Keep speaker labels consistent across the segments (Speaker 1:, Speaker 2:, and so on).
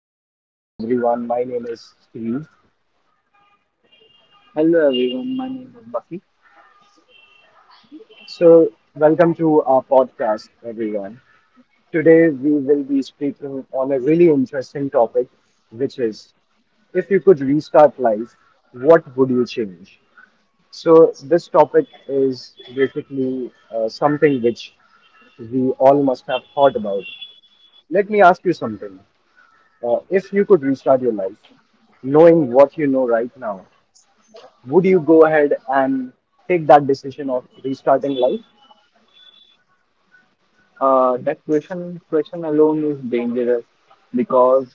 Speaker 1: evening, everyone. My name is Steve.
Speaker 2: Hello everyone, my name is Bucky.
Speaker 1: So, welcome to our podcast, everyone. Today, we will be speaking on a really interesting topic, which is if you could restart life, what would you change? So, this topic is basically something which we all must have thought about. Let me ask you something. If you could restart your life, knowing what you know right now, would you go ahead and take that decision of restarting life?
Speaker 2: That question alone is dangerous because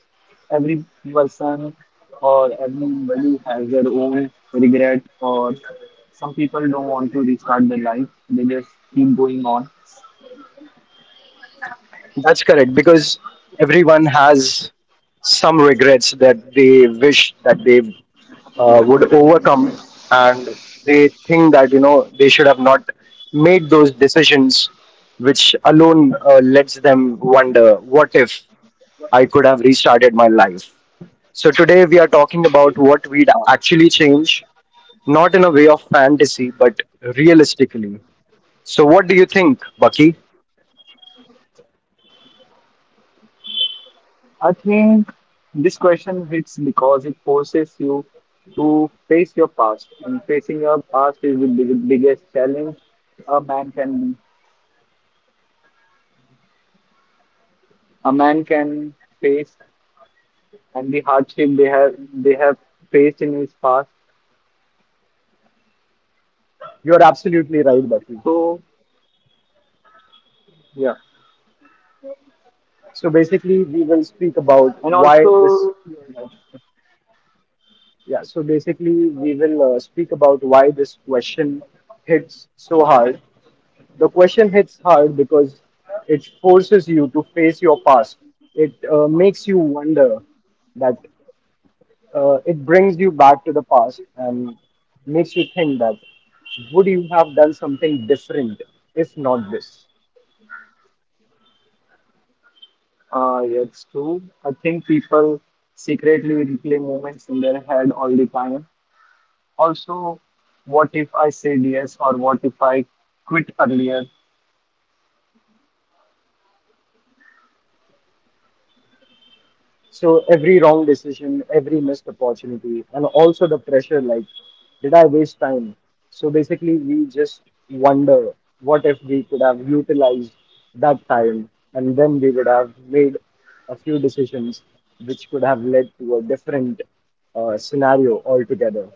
Speaker 2: every person or everybody has their own regret, or some people don't want to restart their life. They just keep going on.
Speaker 1: That's correct because everyone has some regrets that they wish that they would overcome, and they think that you know they should have not made those decisions, which alone lets them wonder, what if I could have restarted my life? So today we are talking about what we'd
Speaker 2: Uh,
Speaker 1: actually change, not in a way of fantasy, but realistically. So, what do you think, Bucky?
Speaker 2: I think this question hits because it forces you to face your past, and facing your past is the biggest challenge a man can a man can face, and the hardship they have faced in his past.
Speaker 1: You're absolutely right, Bucky.
Speaker 2: So yeah,
Speaker 1: So basically, we will speak about
Speaker 2: and
Speaker 1: why this.
Speaker 2: also
Speaker 1: Yeah. So basically, we will speak about why this question hits so hard. The question hits hard because it forces you to face your past. It makes you wonder that it brings you back to the past and makes you think that would you have done something different if not this?
Speaker 2: yeah, it's true. I think people secretly replay moments in their head all the time. Also, what if I said yes, or what if I quit earlier?
Speaker 1: So every wrong decision, every missed opportunity, and also the pressure like, did I waste time? So basically, we just wonder what if we could have utilized that time and then we would have made a few decisions which could have led to a different scenario altogether.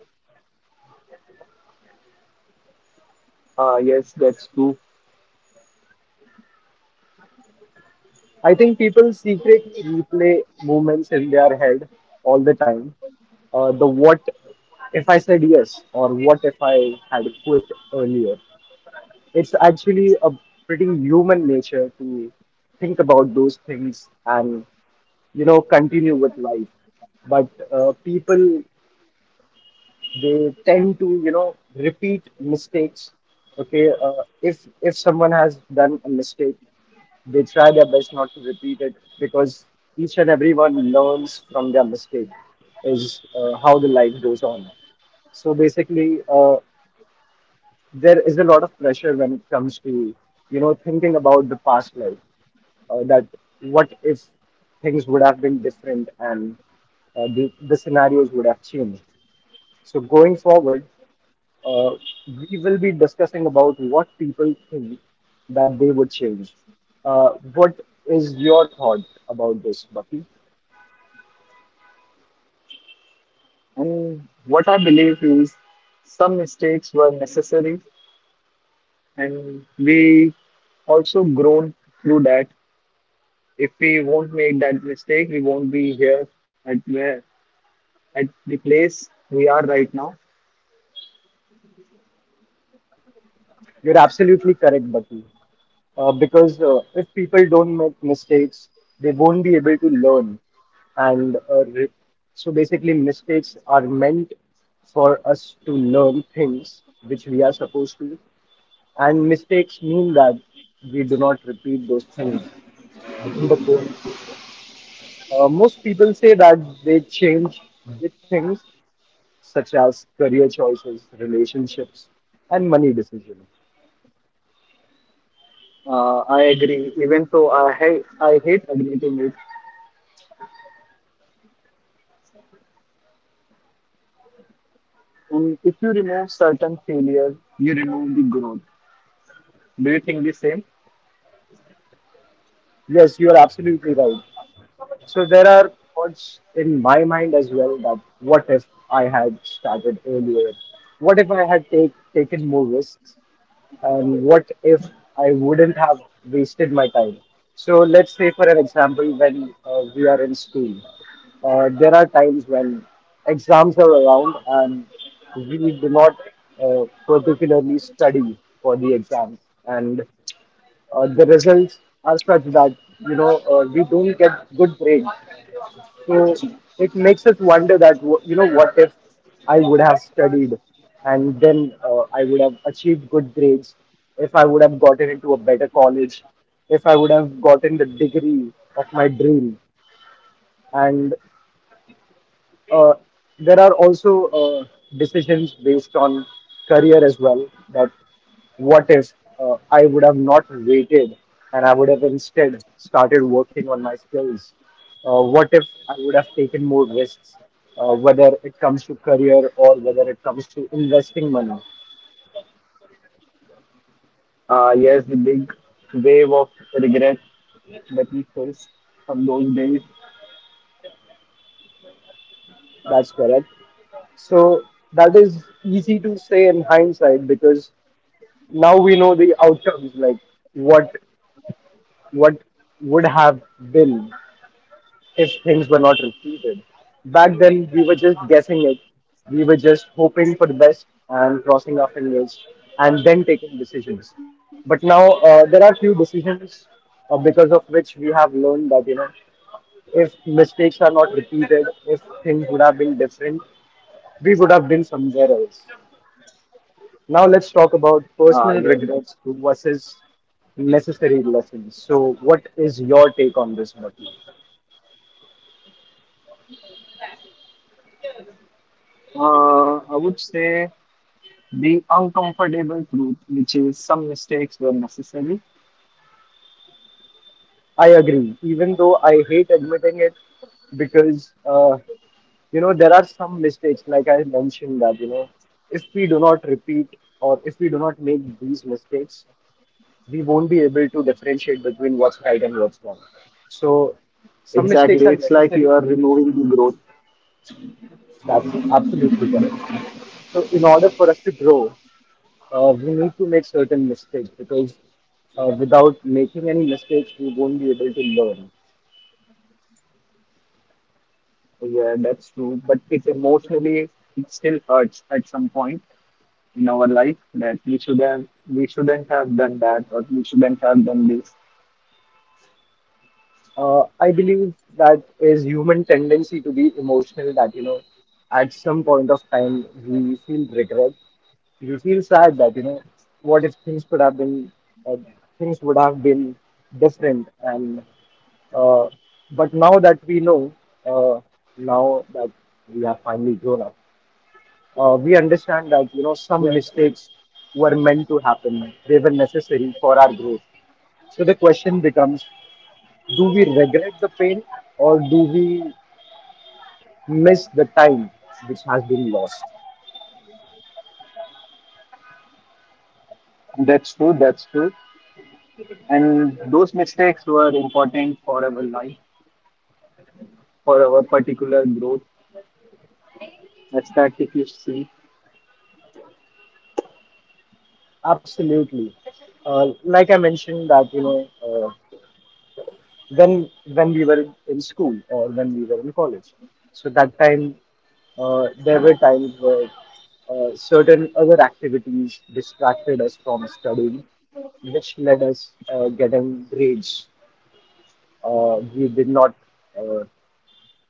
Speaker 2: Yes, that's true.
Speaker 1: I think people secretly replay moments in their head all the time. The what if I said yes, or what if I had quit earlier? It's actually a pretty human nature to think about those things and, you know, continue with life. But people, they tend to, you know, repeat mistakes. Okay, if someone has done a mistake, they try their best not to repeat it because each and everyone learns from their mistake is how the life goes on. So basically, there is a lot of pressure when it comes to you know thinking about the past life that what if things would have been different and the scenarios would have changed so going forward uh, we will be discussing about what people think that they would change what is your thought about this bucky?
Speaker 2: And what I believe is some mistakes were necessary, and we also grown through that. If we won't make that mistake, we won't be here at where at the place we are right now.
Speaker 1: You're absolutely correct, Bucky. Because if people don't make mistakes, they won't be able to learn. And so basically, mistakes are meant for us to learn things which we are supposed to. And mistakes mean that we do not repeat those things. But most people say that they change big things such as career choices, relationships, and money decisions.
Speaker 2: I agree, even though I hate admitting it. And if you remove certain failures, you remove the growth. Do you think the same?
Speaker 1: Yes, you are absolutely right. So there are thoughts in my mind as well that what if I had started earlier? What if I had taken more risks? And what if I wouldn't have wasted my time? So let's say, for an example, when we are in school, there are times when exams are around and we do not particularly study for the exams. And the results are such that you know we don't get good grades. So it makes us wonder that you know what if I would have studied and then I would have achieved good grades. If I would have gotten into a better college, if I would have gotten the degree of my dream, and uh, there are also decisions based on career as well. That what if I would have not waited and I would have instead started working on my skills? What if I would have taken more risks, whether it comes to career or whether it comes to investing money?
Speaker 2: Yes, the big wave of regret that we face from those days.
Speaker 1: That's correct. So that is easy to say in hindsight because now we know the outcomes, like what what would have been if things were not repeated. Back then, we were just guessing it. We were just hoping for the best and crossing our fingers and then taking decisions. But now, there are few decisions because of which we have learned that, you know, if mistakes are not repeated, if things would have been different, we would have been somewhere else. Now, let's talk about
Speaker 2: Yes,
Speaker 1: personal
Speaker 2: that's
Speaker 1: regret
Speaker 2: true.
Speaker 1: versus necessary lessons. So, what is your take on this, Murthy?
Speaker 2: I would say the uncomfortable truth, which is some mistakes were necessary.
Speaker 1: I agree, even though I hate admitting it because, you know, there are some mistakes, like I mentioned, that, you know, if we do not repeat or if we do not make these mistakes, we won't be able to differentiate between what's right and what's wrong. So, some mistakes
Speaker 2: Exactly.
Speaker 1: are
Speaker 2: It's like you
Speaker 1: necessary.
Speaker 2: are removing the growth.
Speaker 1: That's absolutely correct. So, in order for us to grow, we need to make certain mistakes because without making any mistakes, we won't be able to learn.
Speaker 2: Yeah, that's true. But it emotionally it still hurts at some point in our life that we shouldn't have done that, or we shouldn't have done this.
Speaker 1: I believe that is human tendency to be emotional that, you know, at some point of time we feel regret. We feel sad that, you know, what if things could have been, uh, things would have been different. And uh, but now that we know, uh, now that we have finally grown up, we understand that, you know, some
Speaker 2: Yeah.
Speaker 1: mistakes were meant to happen. They were necessary for our growth. So the question becomes do we regret the pain or do we miss the time which has been lost?
Speaker 2: That's true, that's true. And those mistakes were important for our life, for our particular growth. That's that, if you see.
Speaker 1: Absolutely. Like I mentioned that you know when we were in school or when we were in college so that time there were times where certain other activities distracted us from studying which led us getting grades we did not uh,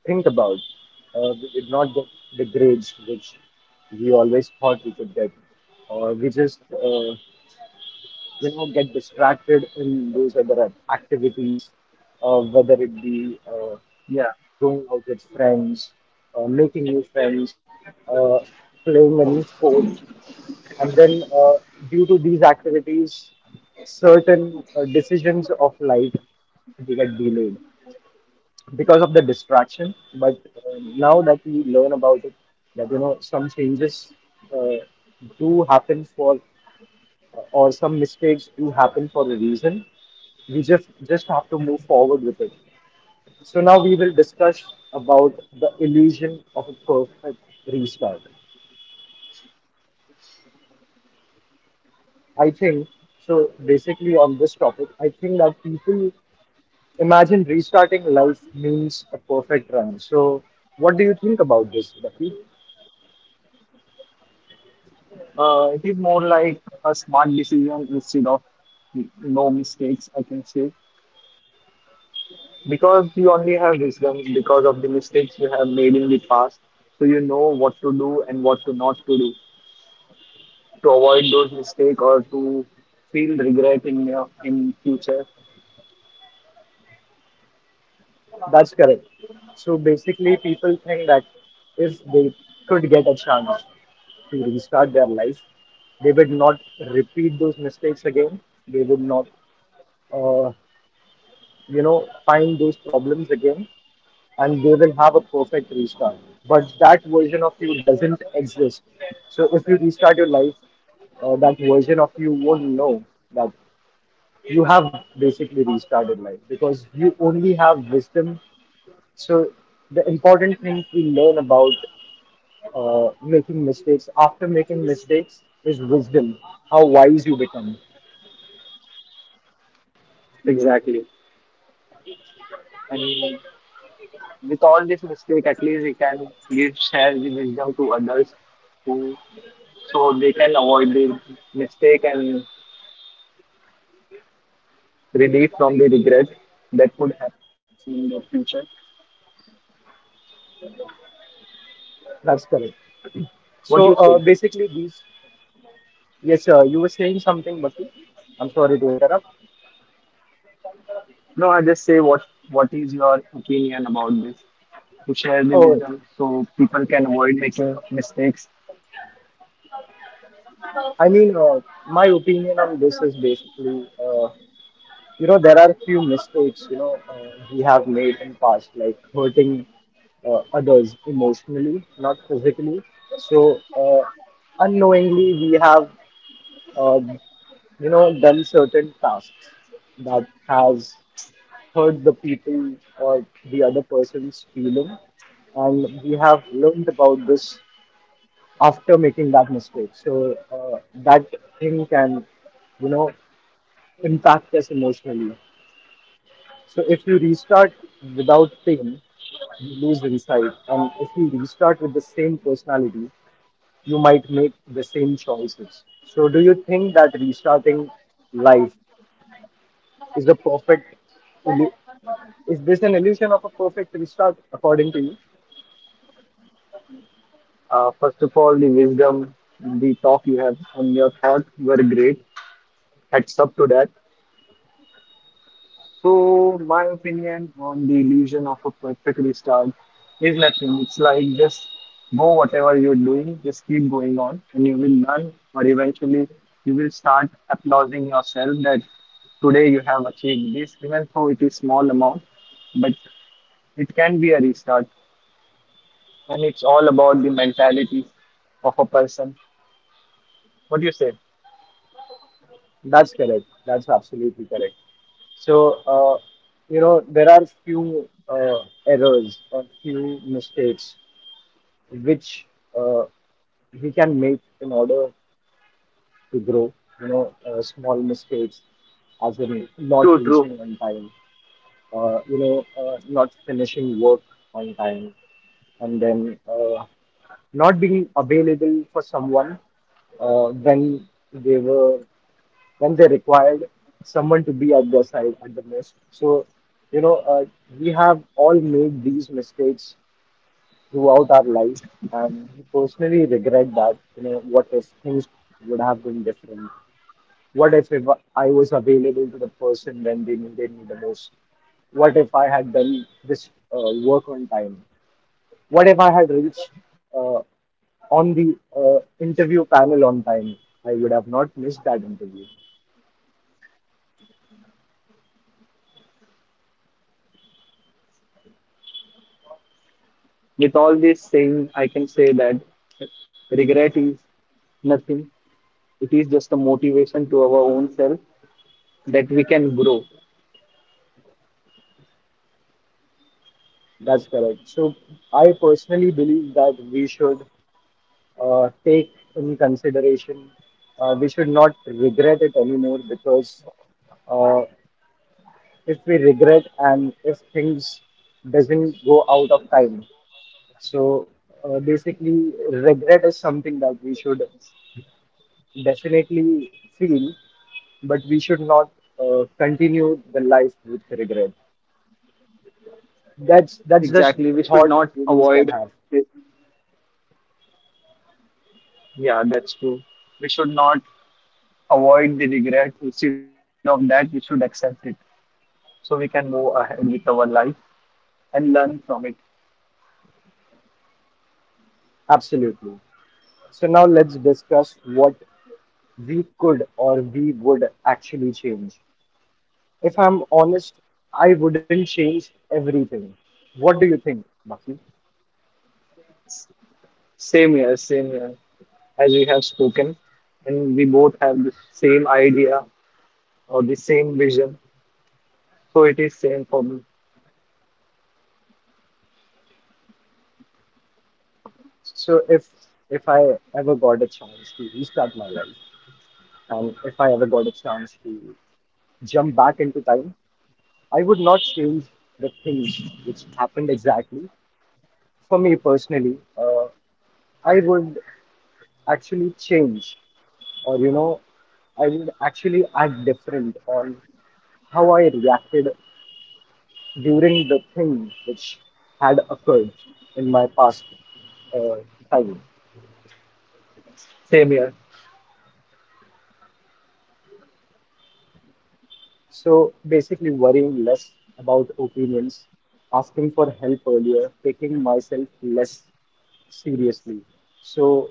Speaker 1: think about. We did not get the grades which we always thought we could get, or we just you know get distracted in those other activities, whether it be
Speaker 2: Yeah.
Speaker 1: going out with friends, making new friends, uh, playing a new sport, and then due to these activities, certain decisions of life they get delayed because of the distraction. But now that we learn about it, that you know some changes uh, do happen for, or some mistakes do happen for a reason. We just have to move forward with it. So now we will discuss about the illusion of a perfect restart. I think so. Basically, on this topic, I think that people imagine restarting life means a perfect run. So, what do you think about this, Rafi?
Speaker 2: It is more like a smart decision instead of no mistakes, I can say, because you only have wisdom because of the mistakes you have made in the past. So you know what to do and what to not to do, to avoid those mistakes or to feel regret in your in future.
Speaker 1: That's correct. So basically, people think that if they could get a chance to restart their life, they would not repeat those mistakes again. They would not, uh, you know, find those problems again, and they will have a perfect restart. But that version of you doesn't exist. So if you restart your life, that version of you won't know that you have basically restarted life because you only have wisdom so the important thing we learn about making mistakes after making mistakes is wisdom, how wise you become.
Speaker 2: Exactly. And with all this mistake, at least we can give share the wisdom to others who, so they can avoid the mistake and relief from the regret that could happen in the future.
Speaker 1: That's correct. So
Speaker 2: What do you say?
Speaker 1: basically, these. Yes, sir. You were saying something, Bhakti. I'm sorry to interrupt.
Speaker 2: No, I just say what is your opinion about this, to share the
Speaker 1: Oh,
Speaker 2: wisdom so people can avoid making mistakes.
Speaker 1: I mean, my opinion on this is basically. You know there are few mistakes you know we have made in past like hurting others emotionally not physically so uh, unknowingly we have uh, you know done certain tasks that has hurt the people or the other person's feeling and we have learned about this after making that mistake so that thing can you know impact us emotionally. So if you restart without pain, you lose insight. And if you restart with the same personality, you might make the same choices. So do you think that restarting life is the perfect, illu- is this an illusion of a perfect restart according to you?
Speaker 2: First of all, the wisdom, the talk you have and your thought, were great. Heads up to that. So, my opinion on the illusion of a perfect restart is nothing. It's like, just go whatever you're doing, just keep going on, and you will learn. Or eventually, you will start applauding yourself that today you have achieved this, even though it is small amount, but it can be a restart. And it's all about the mentality of a person. What do you say?
Speaker 1: That's correct. That's absolutely correct. So, you know, there are few errors or few mistakes which uh, we can make in order to grow, you know, small mistakes, as in not
Speaker 2: True, true.
Speaker 1: reaching on time, you know, not finishing work on time, and then not being available for someone when they were when they required someone to be at their side at the most. So, you know, we have all made these mistakes throughout our life, and we personally regret that. You know, what if things would have been different? What if I was available to the person when they needed me the most? What if I had done this work on time? What if I had reached uh, on the interview panel on time? I would have not missed that interview.
Speaker 2: With all this saying, I can say that regret is nothing. It is just a motivation to our own self, that we can grow.
Speaker 1: That's correct. So I personally believe that we should take in consideration. We should not regret it anymore because uh, if we regret and if things doesn't go out of time. So basically, regret is something that we should definitely feel, but we should not continue the life with regret. That's the
Speaker 2: Exactly. We should
Speaker 1: thought
Speaker 2: not
Speaker 1: humans can
Speaker 2: avoid
Speaker 1: have.
Speaker 2: it. Yeah, that's true. We should not avoid the regret. Instead of that, we should accept it so we can move ahead with our life and learn from it.
Speaker 1: Absolutely. So now let's discuss what we could or we would actually change. If I'm honest, I wouldn't change everything. What do you think, Bucky?
Speaker 2: Same here, same here. As we have spoken, and we both have the same idea or the same vision. So it is same for me,
Speaker 1: So if I ever got a chance to restart my life, and if I ever got a chance to jump back into time, I would not change the things which happened exactly. For me personally, I would actually change, or I would actually act different on how I reacted during the thing which had occurred in my past uh, time.
Speaker 2: same here.
Speaker 1: So basically, worrying less about opinions, asking for help earlier, taking myself less seriously. So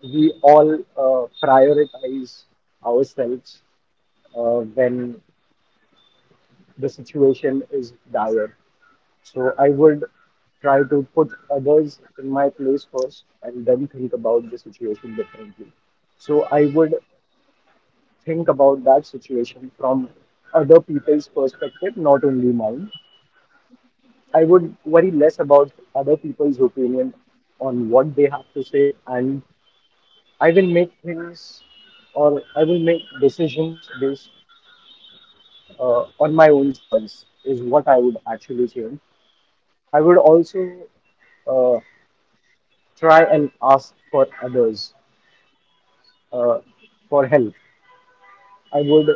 Speaker 1: we all prioritize ourselves when the situation is dire. So I would try to put others in my place first and then think about the situation differently. So I would think about that situation from other people's perspective, not only mine. I would worry less about other people's opinion on what they have to say, and I will make things or I will make decisions based on my own choice, is what I would actually change. I would also uh, try and ask for others uh, for help. I would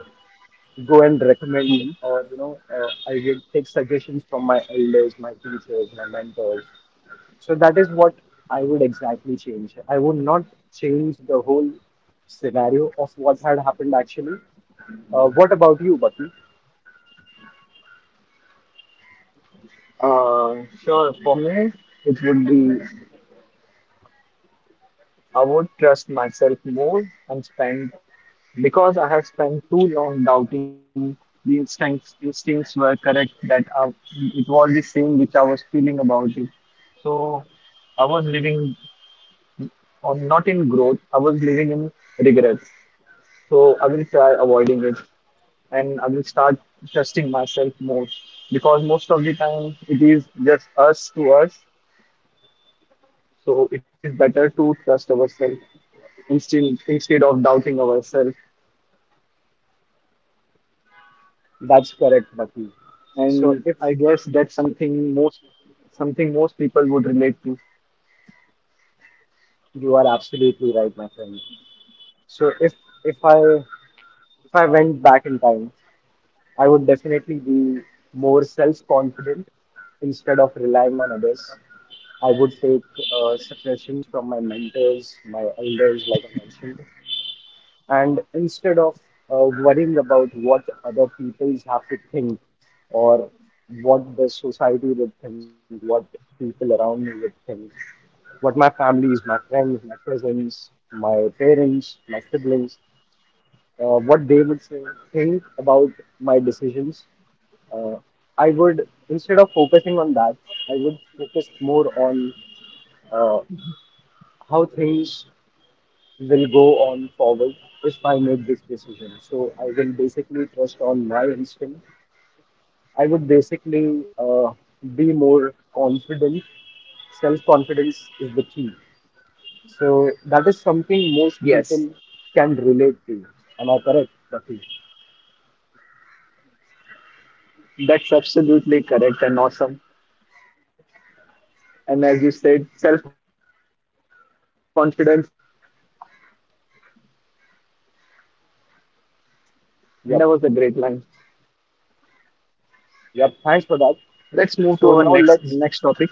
Speaker 1: go and recommend
Speaker 2: Mhm.
Speaker 1: or I did take suggestions from my elders, my teachers, my mentors. So that is what I would exactly change. I would not change the whole scenario of what had happened actually. What about you, Bucky?
Speaker 2: Sure, for me, it would be I would trust myself more and spend, because I have spent too long doubting. The instincts were correct, that I, it was the same which I was feeling about it. So I was living on not in growth, I was living in regret. So I will try avoiding it, and I will start trusting myself more, because most of the time it is just us to us. So it is better to trust ourselves instead instead of doubting ourselves.
Speaker 1: That's correct, Bucky. so
Speaker 2: And
Speaker 1: if
Speaker 2: I guess that's something most people would relate to.
Speaker 1: you are absolutely right, my friend. So if I went back in time, I would definitely be more self-confident instead of relying on others. I would take suggestions from my mentors, my elders, like I mentioned, and instead of worrying about what other people have to think, or what the society would think, what people around me would think, what my families, my friends, my cousins, my parents, my siblings, what they would say, think about my decisions, uh, I would, instead of focusing on that, I would focus more on uh, how things will go on forward if I make this decision. So I will basically trust on my instinct. I would basically be more confident. Self confidence is the key. So that is something most
Speaker 2: Yes,
Speaker 1: people can relate to. Am I correct, Rafi?
Speaker 2: that's absolutely correct and awesome. And as you said, self confidence is the key. And that
Speaker 1: Yep.
Speaker 2: was a great line.
Speaker 1: Yep. Thanks for that.
Speaker 2: Let's
Speaker 1: So
Speaker 2: move to
Speaker 1: now
Speaker 2: our
Speaker 1: let's,
Speaker 2: next topic.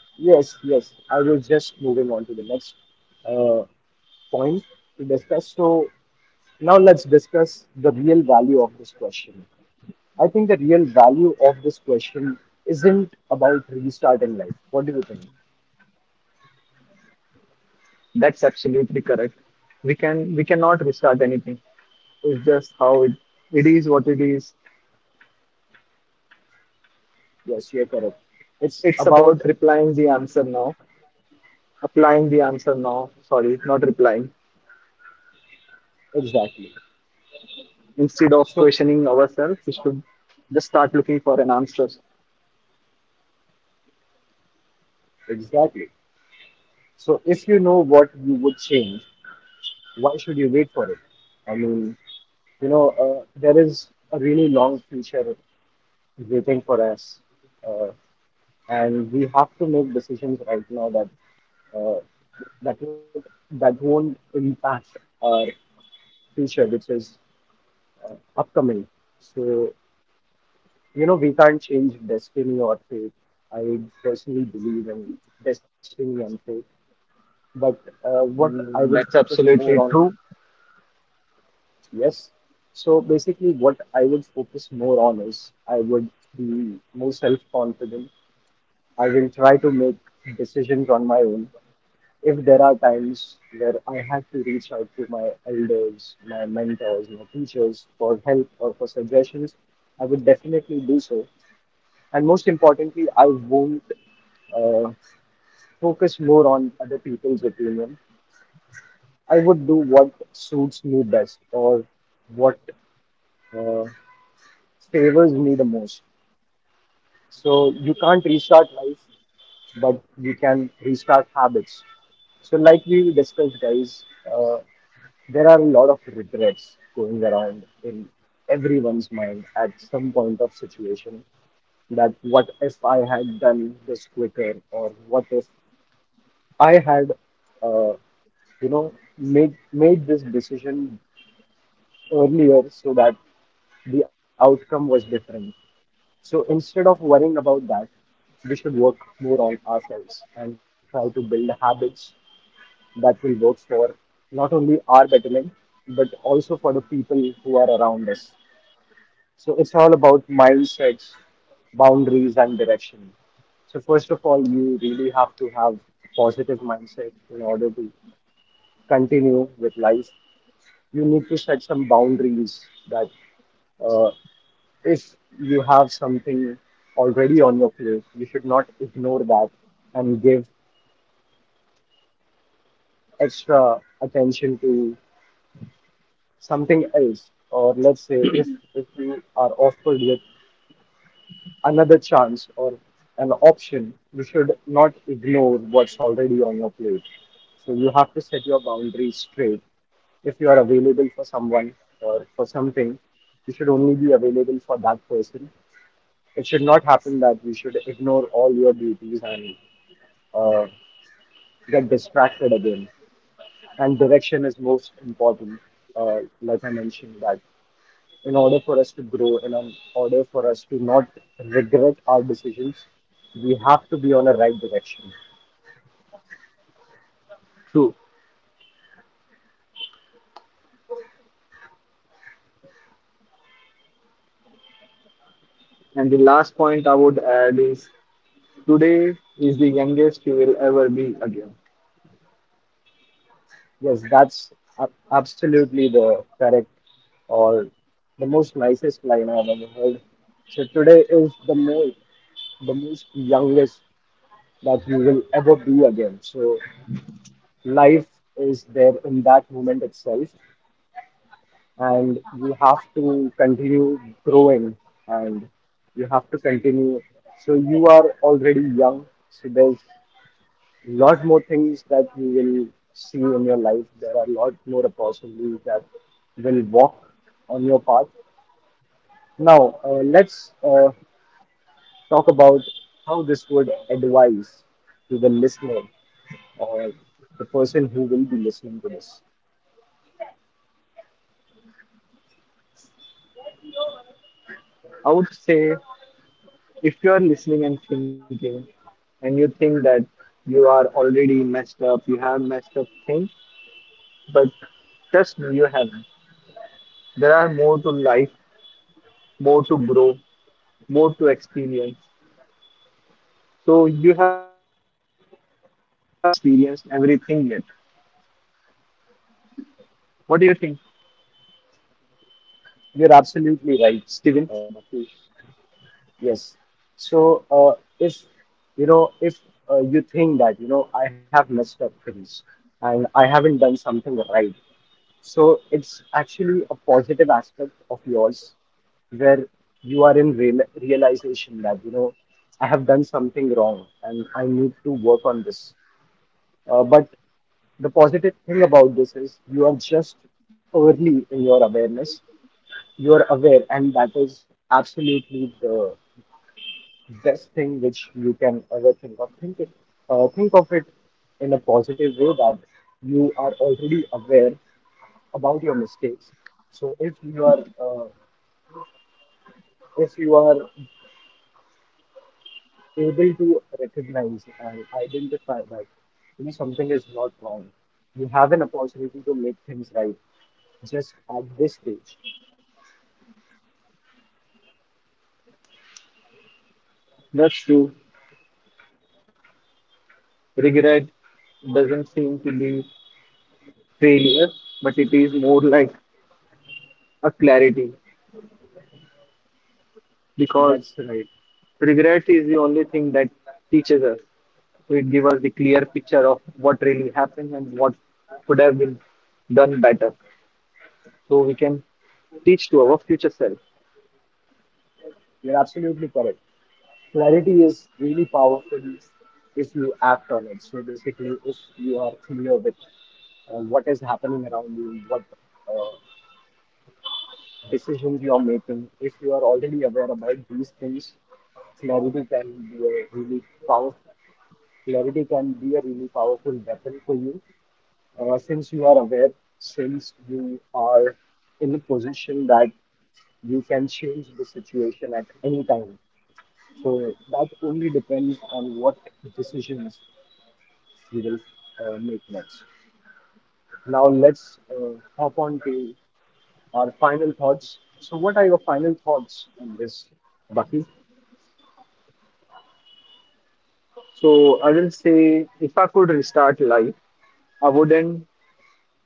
Speaker 1: yes, yes, I was just moving on to the next uh, point to discuss. So now let's discuss the real value of this question. I think the real value of this question isn't about restarting life. What do you think?
Speaker 2: That's absolutely correct. We cannot restart anything. It's just how it, it is what it is.
Speaker 1: Yes, you're correct. It's
Speaker 2: It's
Speaker 1: about,
Speaker 2: about replying the answer now, applying the answer now. Sorry, not replying.
Speaker 1: exactly.
Speaker 2: Instead of
Speaker 1: So
Speaker 2: questioning ourselves, we should just start looking for an answer.
Speaker 1: exactly. So if you know what you would change, why should you wait for it? I mean, you know, there is a really long future waiting for us. Uh, and we have to make decisions right now that uh, that won't, that won't impact our future, which is upcoming. So, we can't change destiny or fate. I personally believe in destiny and fate. But what I would
Speaker 2: Mm, that's
Speaker 1: focus more
Speaker 2: absolutely
Speaker 1: on,
Speaker 2: true.
Speaker 1: yes. So basically, what I would focus more on is I would be more self confident. I will try to make decisions on my own. If there are times where I have to reach out to my elders, my mentors, my teachers for help or for suggestions, I would definitely do so. And most importantly, I won't uh, focus more on other people's opinion. I would do what suits me best, or what uh, favors me the most. So you can't restart life, but we can restart habits. So, like we discussed, guys, there are a lot of regrets going around in everyone's mind at some point of situation, that what if I had done this quicker, or what if I had uh, made this decision earlier so that the outcome was different. So instead of worrying about that, we should work more on ourselves and try to build habits that will work for not only our betterment, but also for the people who are around us. So it's all about mindsets, boundaries, and direction. So first of all, you really have to have positive mindset in order to continue with life. You need to set some boundaries that uh, if you have something already on your plate, you should not ignore that and give extra attention to something else. Or let's say if you are offered with another chance or an option, you should not ignore what's already on your plate. So you have to set your boundaries straight. If you are available for someone or for something, you should only be available for that person. It should not happen that you should ignore all your duties and get distracted again. And direction is most important. Like I mentioned, that in order for us to grow, in order for us to not regret our decisions, we have to be on a right direction.
Speaker 2: True. And the last point I would add is, today is the youngest you will ever be again.
Speaker 1: Yes, that's absolutely the correct or the most nicest line I've ever heard. So today is the most youngest that you will ever be again. So life is there in that moment itself, and you have to continue growing and you have to continue. So you are already young, so there's lot more things that you will see in your life. There are lot more opportunities that will walk on your path. Now, let's talk about how this would advise to the listener or the person who will be listening to this.
Speaker 2: I would say, if you are listening and thinking, and you think that you are already messed up, you have messed up things, but trust me, you haven't. There are more to life, more to grow, more to experience. So you haven't really experienced everything yet. What do you think,
Speaker 1: You're absolutely right,
Speaker 2: Steven?
Speaker 1: Bhakti. Yes. So, if you think that, you know, I have messed up things and I haven't done something right, so it's actually a positive aspect of yours where you are in real realization that, you know, I have done something wrong and I need to work on this. But the positive thing about this is you are just early in your awareness, you are aware, and that is absolutely the best thing which you can ever think of. Think it, think of it in a positive way that you are already aware about your mistakes. So if you are able to recognize and identify that, you know, something is not wrong, you have an opportunity to make things right just at this stage.
Speaker 2: That's true. Regret doesn't seem to be failure, but it is more like a clarity, because
Speaker 1: That's right.
Speaker 2: regret is the only thing that teaches us. So it gives us the clear picture of what really happened and what could have been done better. So we can teach to our future self.
Speaker 1: You're absolutely correct. Clarity is really powerful if you act on it. So basically, if you are clear with what is happening around you, what uh, decisions you are making, if you are already aware about these things, clarity can be a really powerful clarity can be a really powerful weapon for you, since you are aware, since you are in a position that you can change the situation at any time. So that only depends on what decisions we will make next. Now let's hop on to our final thoughts. So what are your final thoughts on this, Bucky?
Speaker 2: So I will say, if I could restart life, I wouldn't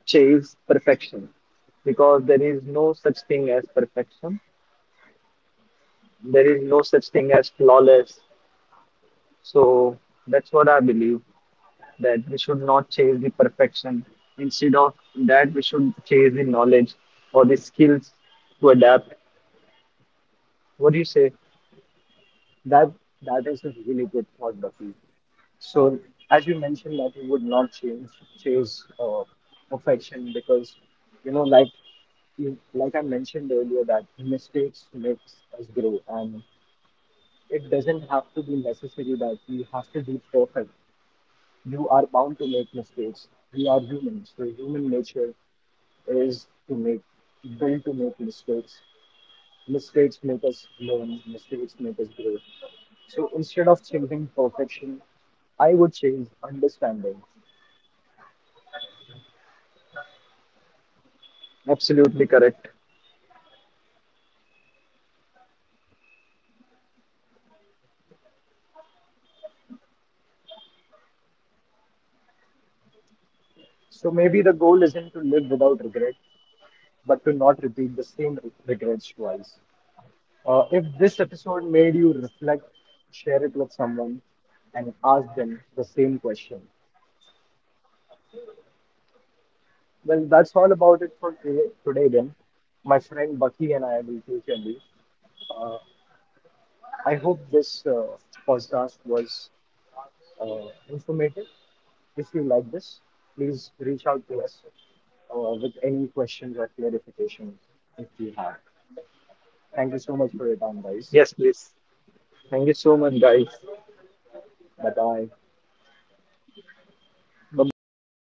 Speaker 2: chase perfection, because there is no such thing as perfection. There is no such thing as flawless. So that's what I believe, that we should not chase the perfection. Instead of that, we should chase the knowledge or the skills to adapt. What do you say?
Speaker 1: That that is a really good thought, Bucky. So as you mentioned that you would not change, chase perfection, because you know, like I mentioned earlier, that mistakes makes us grow, and it doesn't have to be necessary that we have to be perfect. You are bound to make mistakes. We are humans. The human nature is to make, built to make mistakes. Mistakes make us learn. Mistakes make us grow. So instead of chasing perfection, I would chase understanding.
Speaker 2: Absolutely correct.
Speaker 1: So maybe the goal isn't to live without regret, but to not repeat the same regrets twice. If this episode made you reflect, share it with someone and ask them the same question. Well, that's all about it for today then. My friend Bucky and I will take your leave. Uh, I hope this podcast was informative. If you like this, please reach out to us with any questions or clarifications if you have. Thank you so much for your time, guys.
Speaker 2: Yes, please. Thank you so much, guys.
Speaker 1: Bye bye.
Speaker 2: Bye bye.